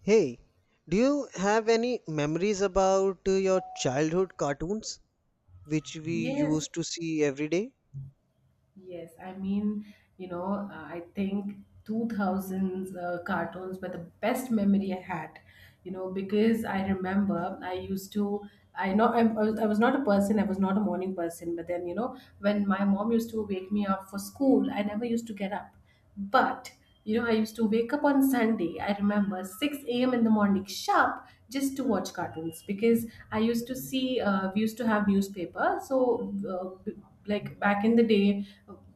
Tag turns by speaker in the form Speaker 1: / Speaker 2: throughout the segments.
Speaker 1: Hey, do you have any memories about your childhood cartoons which we
Speaker 2: Yes,
Speaker 1: used to see every day?
Speaker 2: yes. I mean, I think 2000s cartoons were the best memory I had, you know, because I remember I used to, I know I'm, I was not a person, I was not a morning person, but then, you know, when my mom used to wake me up for school, I never used to get up. But you know, I used to wake up on Sunday, I remember 6 a.m. in the morning sharp just to watch cartoons because I used to see, we used to have newspaper. So, uh, like back in the day,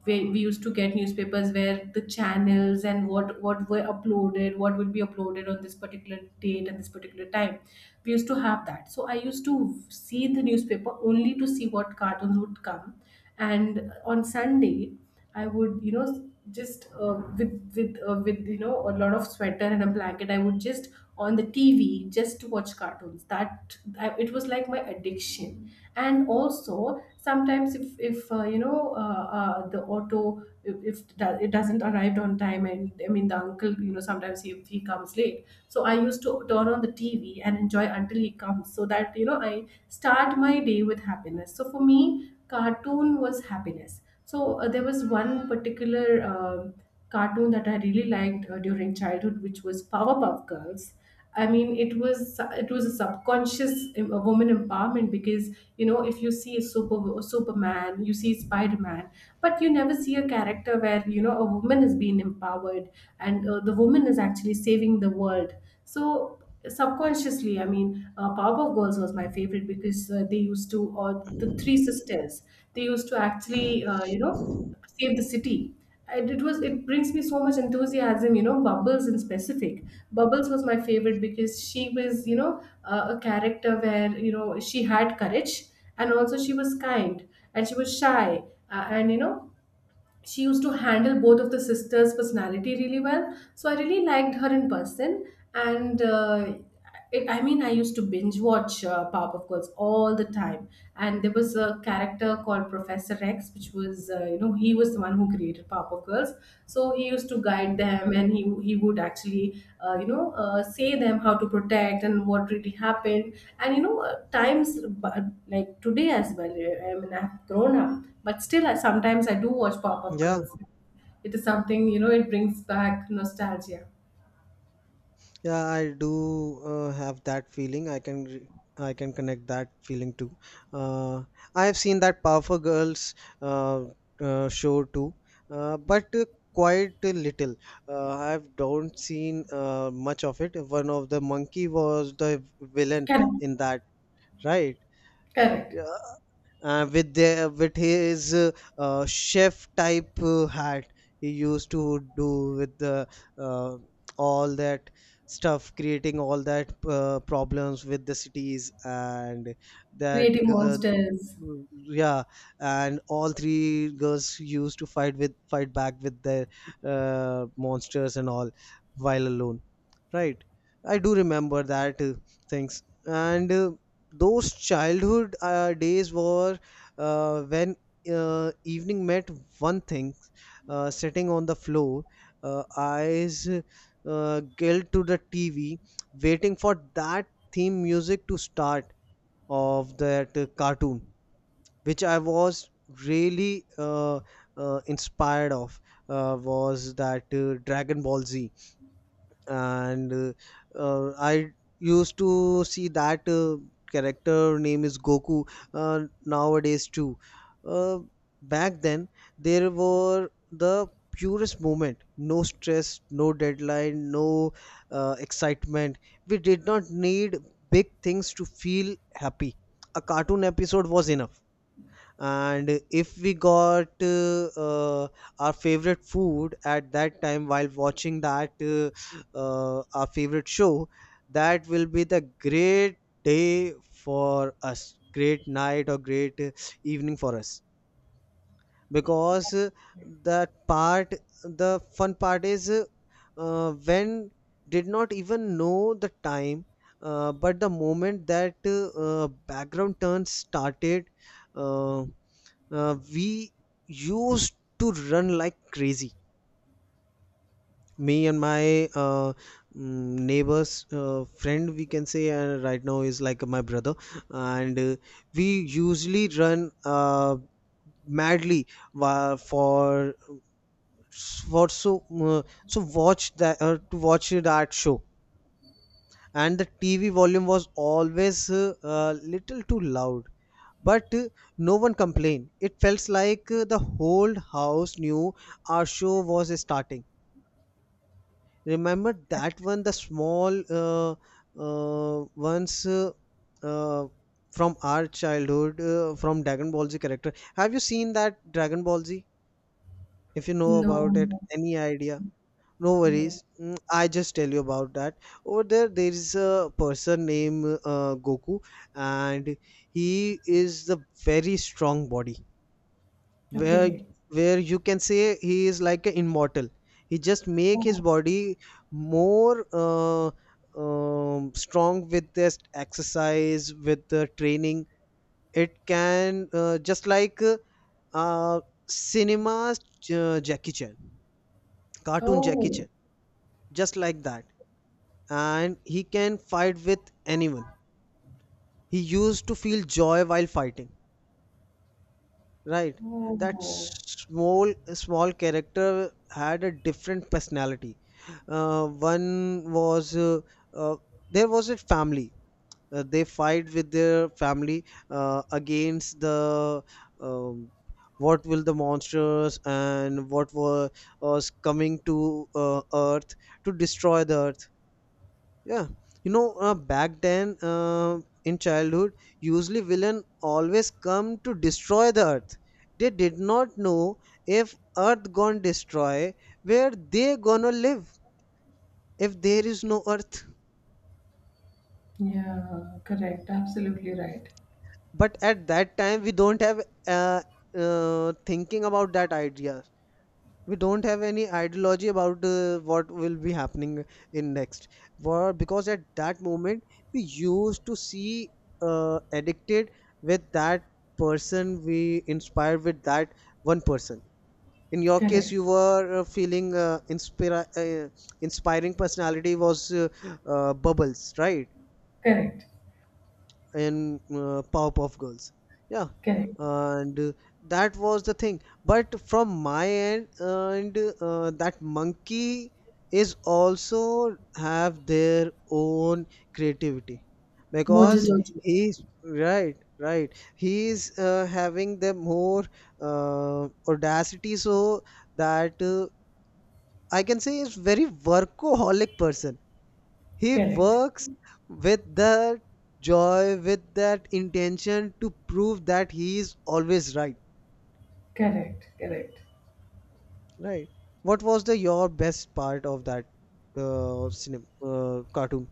Speaker 2: we used to get newspapers where the channels and what were uploaded, what would be uploaded on this particular date and this particular time. We used to have that. So, I used to see the newspaper only to see what cartoons would come, and on Sunday I would, you know, just with with, you know, a lot of sweater and a blanket I would just on the TV just to watch cartoons that I, it was like my addiction. And also sometimes if you know the auto if it doesn't arrived on time. And I mean the uncle, you know, sometimes he comes late. So I used to turn on the TV and enjoy until he comes so that, you know, I start my day with happiness. So for me, cartoon was happiness. So there was one particular cartoon that I really liked during childhood, which was Powerpuff Girls. I mean, it was a subconscious a woman empowerment, because you know if you see a super Superman, you see Spider Man, but you never see a character where you know a woman is being empowered and the woman is actually saving the world. So subconsciously, I mean, Powerpuff Girls was my favorite because they used to, or the three sisters, they used to actually you know save the city. And it was, it brings me so much enthusiasm, you know, bubbles in specific. Bubbles was my favorite because she was, you know, a character where you know she had courage, and also she was kind, and she was shy and you know she used to handle both of the sisters' personality really well. So I really liked her in person, and it, I mean, I used to binge watch Powerpuff Girls all the time. And there was a character called Professor X, which was you know he was the one who created Powerpuff Girls. So he used to guide them and he would actually you know say them how to protect and what really happened and you know times. But like today as well I mean I've grown up, but still I, sometimes I do watch pop-up
Speaker 1: Yeah,
Speaker 2: girls. It is something, you know, it brings back nostalgia.
Speaker 1: yeah, I do have that feeling. I can connect that feeling too. Uh, I have seen that Powerful Girls uh, show too, but quite a little. I have don't seen much of it. One of the monkey was the villain
Speaker 2: Correct,
Speaker 1: in that, right?
Speaker 2: correct.
Speaker 1: Yeah. With the with his chef type hat he used to do with the uh, all that stuff creating all that problems with the cities and that
Speaker 2: Creative
Speaker 1: g- uh,
Speaker 2: monsters.
Speaker 1: mm, yeah, and all three girls used to fight back with their monsters and all while alone, right? I do remember that things, and those childhood days were when evening met one thing, sitting on the floor, eyes glued to the TV, waiting for that theme music to start of that cartoon which I was really inspired of was that Dragon Ball Z, and I used to see that character name is Goku nowadays too. Uh, Back then, there were the purest moment, no stress, no deadline, no excitement. We did not need big things to feel happy. A cartoon episode was enough, and if we got our favorite food at that time while watching that our favorite show, that will be the great day for us, great night or great evening for us, because that part, the fun part is when did not even know the time. But the moment that background turn started, uh, we used to run like crazy, me and my neighbor's friend, we can say, and right now is like my brother. And We usually run madly, wa- for so so watch that to watch that show, and the TV volume was always a little too loud. But no one complained. It felt like the whole house knew our show was starting. Remember that one, the small ones, uh, from our childhood, from Dragon Ball Z character. Have you seen that Dragon Ball Z? If you know
Speaker 2: No,
Speaker 1: about it,
Speaker 2: no,
Speaker 1: any idea? No
Speaker 2: no.
Speaker 1: worries. Mm, I just tell you about that. Over there, there is a person named Goku, and he is the very strong body. Where
Speaker 2: Okay.
Speaker 1: where you can say he is like an immortal. He just make his
Speaker 2: Oh.
Speaker 1: body more strong with this exercise, with the training. It can just like uh, cinema's Jackie Chan, cartoon Jackie
Speaker 2: Oh.
Speaker 1: Chan, just like that, and he can fight with anyone. He used to feel joy while fighting, right? That
Speaker 2: Oh.
Speaker 1: small small character had a different personality. One was uh, there was a family. They fight with their family against the um, what will the monsters and was coming to Earth to destroy the Earth. Yeah, you know, back then in childhood, usually villain always come to destroy the earth. They did not know, if earth gonna destroy, where they gonna live if there is no earth.
Speaker 2: Yeah. Correct, absolutely right.
Speaker 1: But at that time, we don't have uh, thinking about that idea. We don't have any ideology about what will be happening in next. For, because at that moment we used to see addicted with that person, we inspired with that one person. In your case,
Speaker 2: Correct,
Speaker 1: you were feeling inspiring personality was bubbles, right,
Speaker 2: correct.
Speaker 1: in Powerpuff Girls. Yeah,
Speaker 2: Correct.
Speaker 1: and that was the thing. But from my end, and that monkey is also have their own creativity,
Speaker 2: Mojo
Speaker 1: because
Speaker 2: Jojo.
Speaker 1: right. He's having the more audacity, so that I can say is very workaholic person. He
Speaker 2: Correct.
Speaker 1: works with that joy, with that intention to prove that he is always right,
Speaker 2: Correct. Correct.
Speaker 1: right? What was the your best part of that cinema cartoon?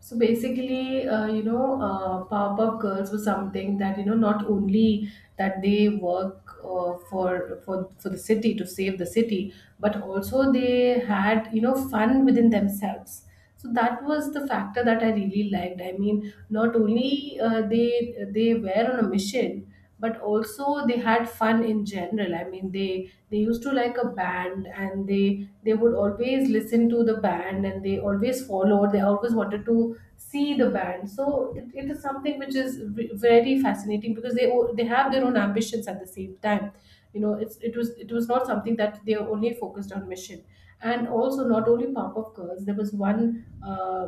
Speaker 2: So basically, you know, Powerpuff Girls was something that you know not only that they work for for the city to save the city, but also they had, you know, fun within themselves. So that was the factor that I really liked. I mean, not only they were on a mission, but also they had fun in general. I mean they used to like a band, and they would always listen to the band, and they always followed, they always wanted to see the band. So it is something which is very fascinating because they have their own ambitions at the same time. You know, it's, it was, it was not something that they only focused on mission. And also not only pop up girls, there was one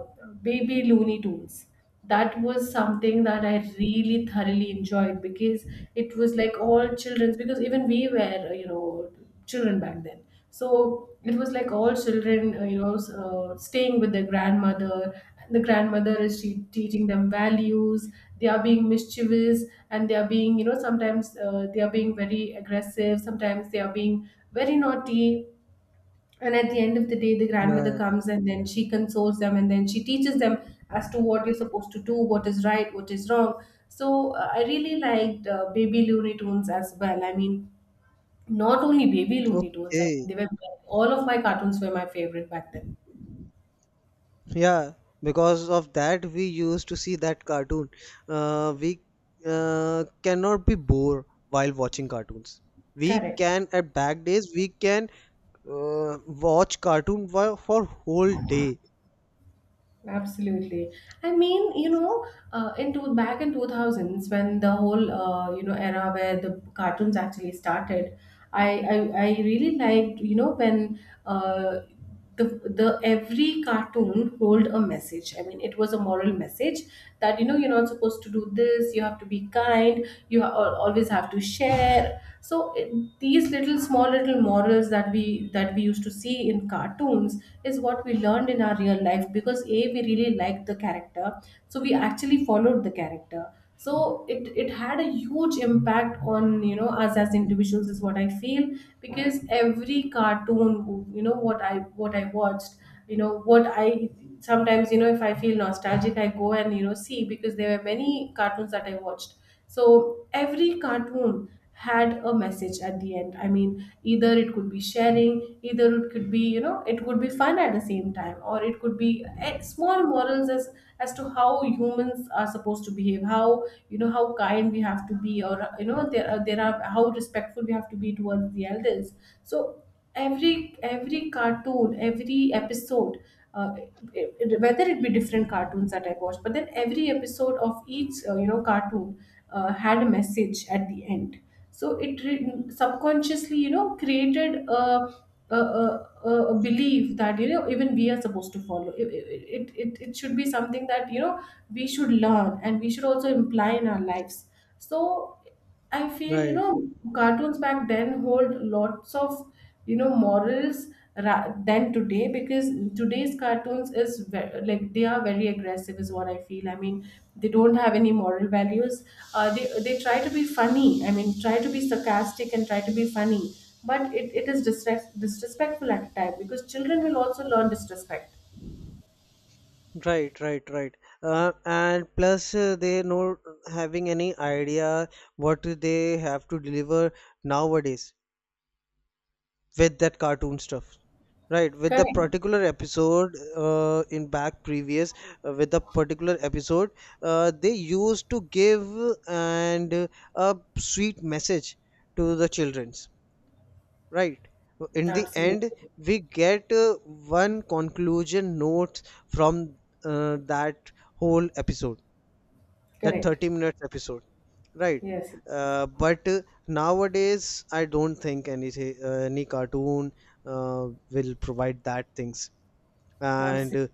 Speaker 2: baby looney tunes. That was something that I really thoroughly enjoyed because it was like all children's, because even we were, you know, children back then. So it was like all children you know staying with their grandmother. The grandmother is she teaching them values. They are being mischievous, and they are being, you know, sometimes they are being very aggressive, sometimes they are being very naughty. And at the end of the day the grandmother
Speaker 1: Yeah.
Speaker 2: comes and then she consoles them and then she teaches them as to what you're supposed to do, what is right, what is wrong. So I really liked baby looney tunes as well. I mean, not only baby looney tunes, I mean
Speaker 1: Okay.
Speaker 2: they were, all of my cartoons were my favorite back then.
Speaker 1: Yeah. Because of that, we used to see that cartoon. We cannot be bored while watching cartoons. We
Speaker 2: Correct.
Speaker 1: can, at back days we can watch cartoon for whole day.
Speaker 2: Absolutely. I mean, you know, in two, back in 2000s when the whole you know era where the cartoons actually started, I I, I really liked you know when uh, the the every cartoon hold a message. I mean, it was a moral message that you know you're not supposed to do this. You have to be kind. Always have to share. So it, these little small little morals that we used to see in cartoons is what we learned in our real life, because a, we really liked the character. So we actually followed the character. So it had a huge impact on you know us as individuals, is what I feel. Because every cartoon, you know what I watched, you know what I, sometimes you know if I feel nostalgic I go and you know see because there were many cartoons that I watched. So every cartoon had a message at the end. I mean, either it could be sharing, either it could be, you know, it could be fun at the same time, or it could be small morals as to how humans are supposed to behave, how you know how kind we have to be, or you know there are how respectful we have to be towards the elders. So every cartoon, every episode uh, it-, it-, whether it be different cartoons that I watched, but then every episode of each you know cartoon had a message at the end. So it, re- subconsciously, you know, created a, a belief that you know even we are supposed to follow it, it, it, it it should be something that you know we should learn and we should also imply in our lives. So I feel, you
Speaker 1: Right.
Speaker 2: know, cartoons back then hold lots of, you know, morals than today, because today's cartoons is very, like they are very aggressive, is what I feel. I mean, they don't have any moral values. They try to be funny. I mean, try to be sarcastic and try to be funny, but it is disrespectful at a time because children will also learn disrespect.
Speaker 1: Right, right, right. And plus, they not having any idea what they have to deliver nowadays with that cartoon stuff. Right, with the
Speaker 2: Correct.
Speaker 1: particular episode in back previous, with the particular episode, they used to give and a sweet message to the childrens. Right. In the end,
Speaker 2: Absolutely.
Speaker 1: we get one conclusion note from that whole episode, that
Speaker 2: Correct.
Speaker 1: 30 minutes episode. Right.
Speaker 2: Yes.
Speaker 1: But nowadays, I don't think any cartoon will provide that things. And
Speaker 2: Absolutely.
Speaker 1: uh,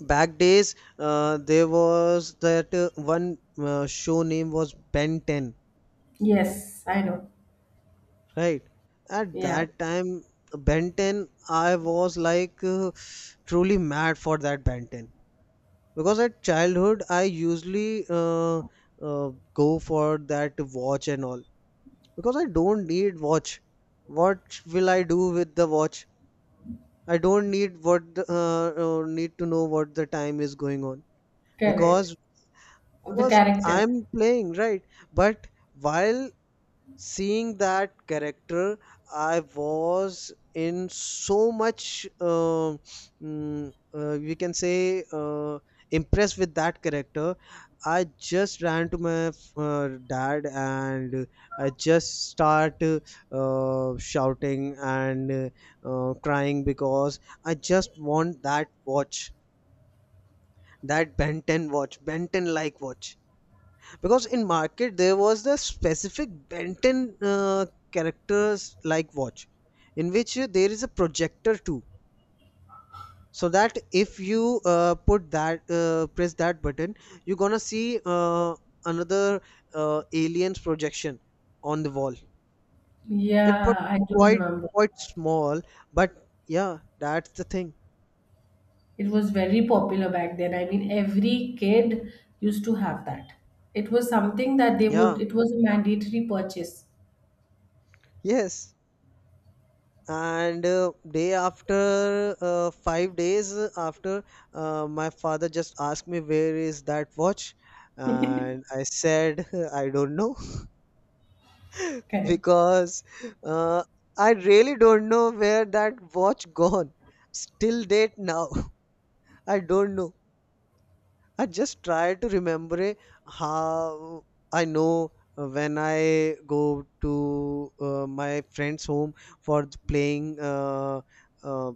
Speaker 1: back days, there was that one show name was Ben 10.
Speaker 2: Yes, I know.
Speaker 1: Right. At
Speaker 2: Yeah.
Speaker 1: that time, Ben 10, I was like truly mad for that Ben 10, because at childhood I usually go for that watch and all, because I don't need watch. What will I do with the watch? I don't need what the, need to know what the time is going on, because
Speaker 2: Correct. Of the character.
Speaker 1: I'm playing, right. But while seeing that character, I was in so much we can say impressed with that character. I just ran to my uh, dad, and I just start shouting and crying, because I just want that watch, that Ben 10 watch, Ben 10 like watch, because in market there was the specific Benton characters like watch, in which there is a projector too, so that if you put that press that button, you're gonna see another aliens projection on the wall. It
Speaker 2: Yeah,
Speaker 1: was
Speaker 2: I don't
Speaker 1: quite,
Speaker 2: remember.
Speaker 1: quite small, but yeah, that's the thing.
Speaker 2: It was very popular back then. I mean, every kid used to have that. It was something that they would,
Speaker 1: Yeah,
Speaker 2: it was a mandatory purchase.
Speaker 1: yes, and day after 5 days after, my father just asked me where is that watch, and I said I don't know
Speaker 2: Correct.
Speaker 1: because uh, I really don't know where that watch gone. Still date now I don't know. I just try to remember, eh, how. I know, when I go to my friend's home for playing uh,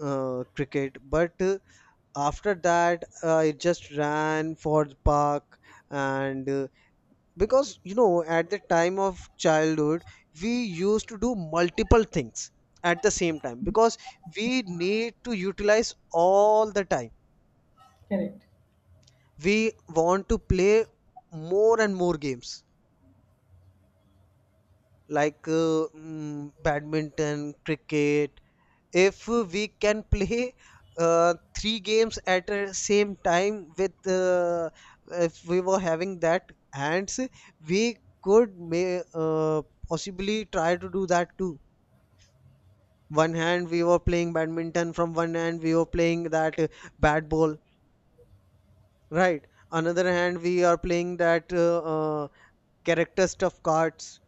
Speaker 1: cricket. But after that, I just ran for the park, and because you know, at the time of childhood, we used to do multiple things at the same time, because we need to utilize all the time.
Speaker 2: Correct.
Speaker 1: We want to play more and more games, like badminton, cricket. If we can play three games at the same time with if we were having that hands, we could may possibly try to do that too. One hand we were playing badminton, from one hand we were playing that bat ball, right? Another hand we are playing that character stuff cards.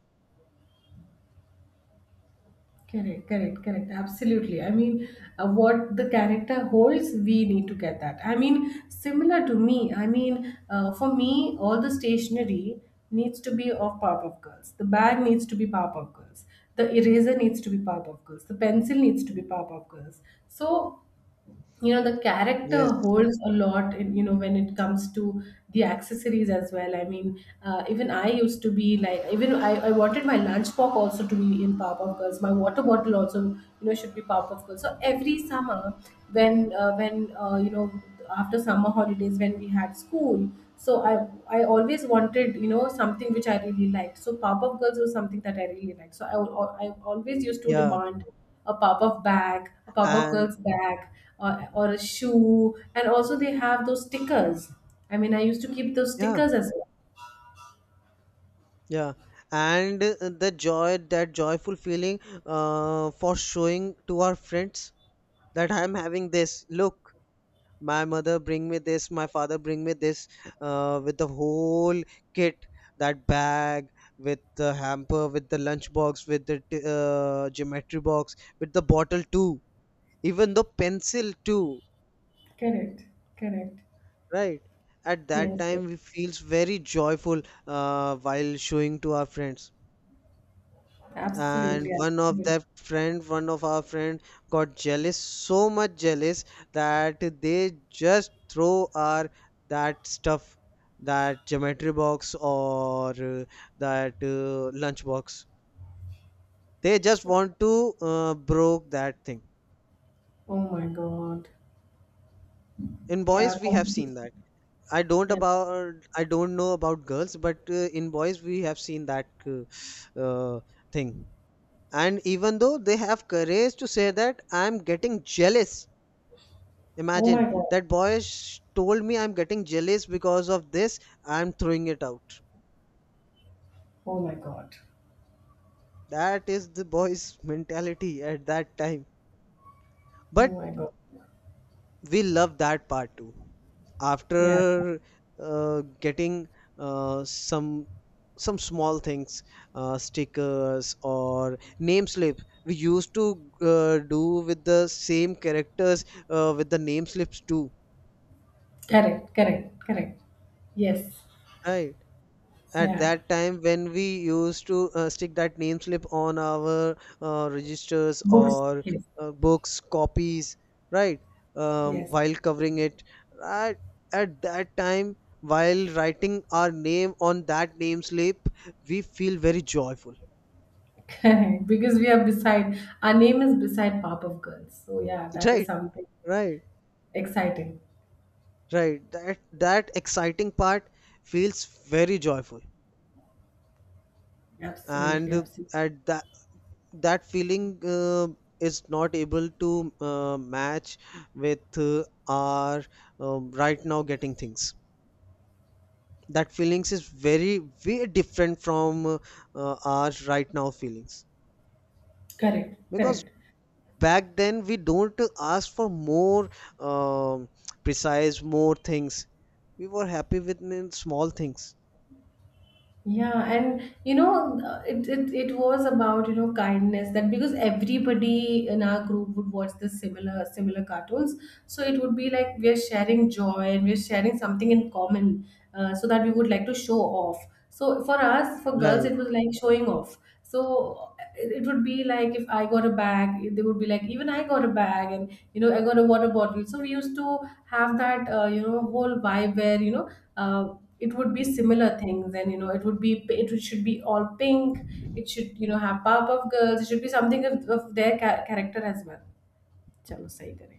Speaker 2: Correct, correct, correct. Absolutely. I mean, what the character holds, we need to get that. I mean, similar to me, I mean, for me, all the stationery needs to be of Powerpuff Girls. The bag needs to be Powerpuff Girls. The eraser needs to be Powerpuff Girls. The pencil needs to be Powerpuff Girls. So you know the character
Speaker 1: Yes,
Speaker 2: holds a lot in, you know when it comes to the accessories as well. I mean even I used to be like, even I wanted my lunchbox also to be in Powerpuff Girls. My water bottle also you know should be Powerpuff Girls. So every summer when you know after summer holidays when we had school, so I always wanted you know something which I really liked. So Powerpuff Girls was something that I really liked. So I always used to
Speaker 1: yeah,
Speaker 2: demand a pop-up bag, a pop-up
Speaker 1: and
Speaker 2: girl's bag, or a shoe. And also they have those stickers. I mean, I used to keep those
Speaker 1: yeah,
Speaker 2: stickers as well.
Speaker 1: yeah, and the joy, that joyful feeling, for showing to our friends that I'm having this. Look, my mother bring me this, my father bring me this, with the whole kit, that bag with the hamper, with the lunch box, with the geometry box, with the bottle too, even the pencil too.
Speaker 2: Correct, correct.
Speaker 1: Right. At that
Speaker 2: Yes, yes.
Speaker 1: time, we feels very joyful while showing to our friends. And
Speaker 2: Absolutely,
Speaker 1: one of
Speaker 2: absolutely.
Speaker 1: that friend, one of our friend got jealous, so much jealous that they just throw our that stuff, that geometry box or that lunch box. They just want to broke that thing.
Speaker 2: Oh my God.
Speaker 1: In
Speaker 2: Yeah,
Speaker 1: boys, we have seen
Speaker 2: competition.
Speaker 1: that.
Speaker 2: Yeah.
Speaker 1: I don't know about girls, but in boys we have seen that thing. And even though they have courage to say that I'm getting jealous,
Speaker 2: Oh my
Speaker 1: imagine
Speaker 2: God.
Speaker 1: that told me I'm getting jealous because of this. I'm throwing it out.
Speaker 2: Oh my God.
Speaker 1: That is the boy's mentality at that time.
Speaker 2: Oh
Speaker 1: But
Speaker 2: my God.
Speaker 1: we love that part too,
Speaker 2: Yeah.
Speaker 1: after getting uh, some some small things, stickers or name slip, we used to do with the same characters, with the name slips too,
Speaker 2: Correct, correct, correct. Yes.
Speaker 1: right, at
Speaker 2: Yeah.
Speaker 1: that time when we used to stick that name slip on our registers
Speaker 2: Books.
Speaker 1: or
Speaker 2: Yes.
Speaker 1: books, copies, right,
Speaker 2: Yes.
Speaker 1: while covering it, at, at that time while writing our name on that name slip, we feel very joyful,
Speaker 2: Correct, because we are beside, our name is beside Pop of Girls. So yeah, that is
Speaker 1: right,
Speaker 2: something
Speaker 1: right,
Speaker 2: exciting.
Speaker 1: right, that, that exciting part feels very joyful,
Speaker 2: Absolutely,
Speaker 1: and
Speaker 2: absolutely.
Speaker 1: at that, that feeling is not able to match with our right now getting things, that feelings is very, very different from our right now feelings,
Speaker 2: Correct,
Speaker 1: because
Speaker 2: correct.
Speaker 1: back then we don't ask for more, um, precise more things. We were happy with small things,
Speaker 2: Yeah, and you know, it, it it was about you know kindness, that because everybody in our group would watch the similar cartoons, so it would be like we are sharing joy and we're sharing something in common, so that we would like to show off. So for us, for girls, it was
Speaker 1: right?
Speaker 2: like showing off. So it would be like if I got a bag, they would be like, even I got a bag, and you know, I got a water bottle. So we used to have that, you know, whole vibe where you know, uh, it would be similar things, and you know, it would be, it should be all pink. It should, you know, have Powerpuff Girls. It should be something of their character as well. चलो सही करें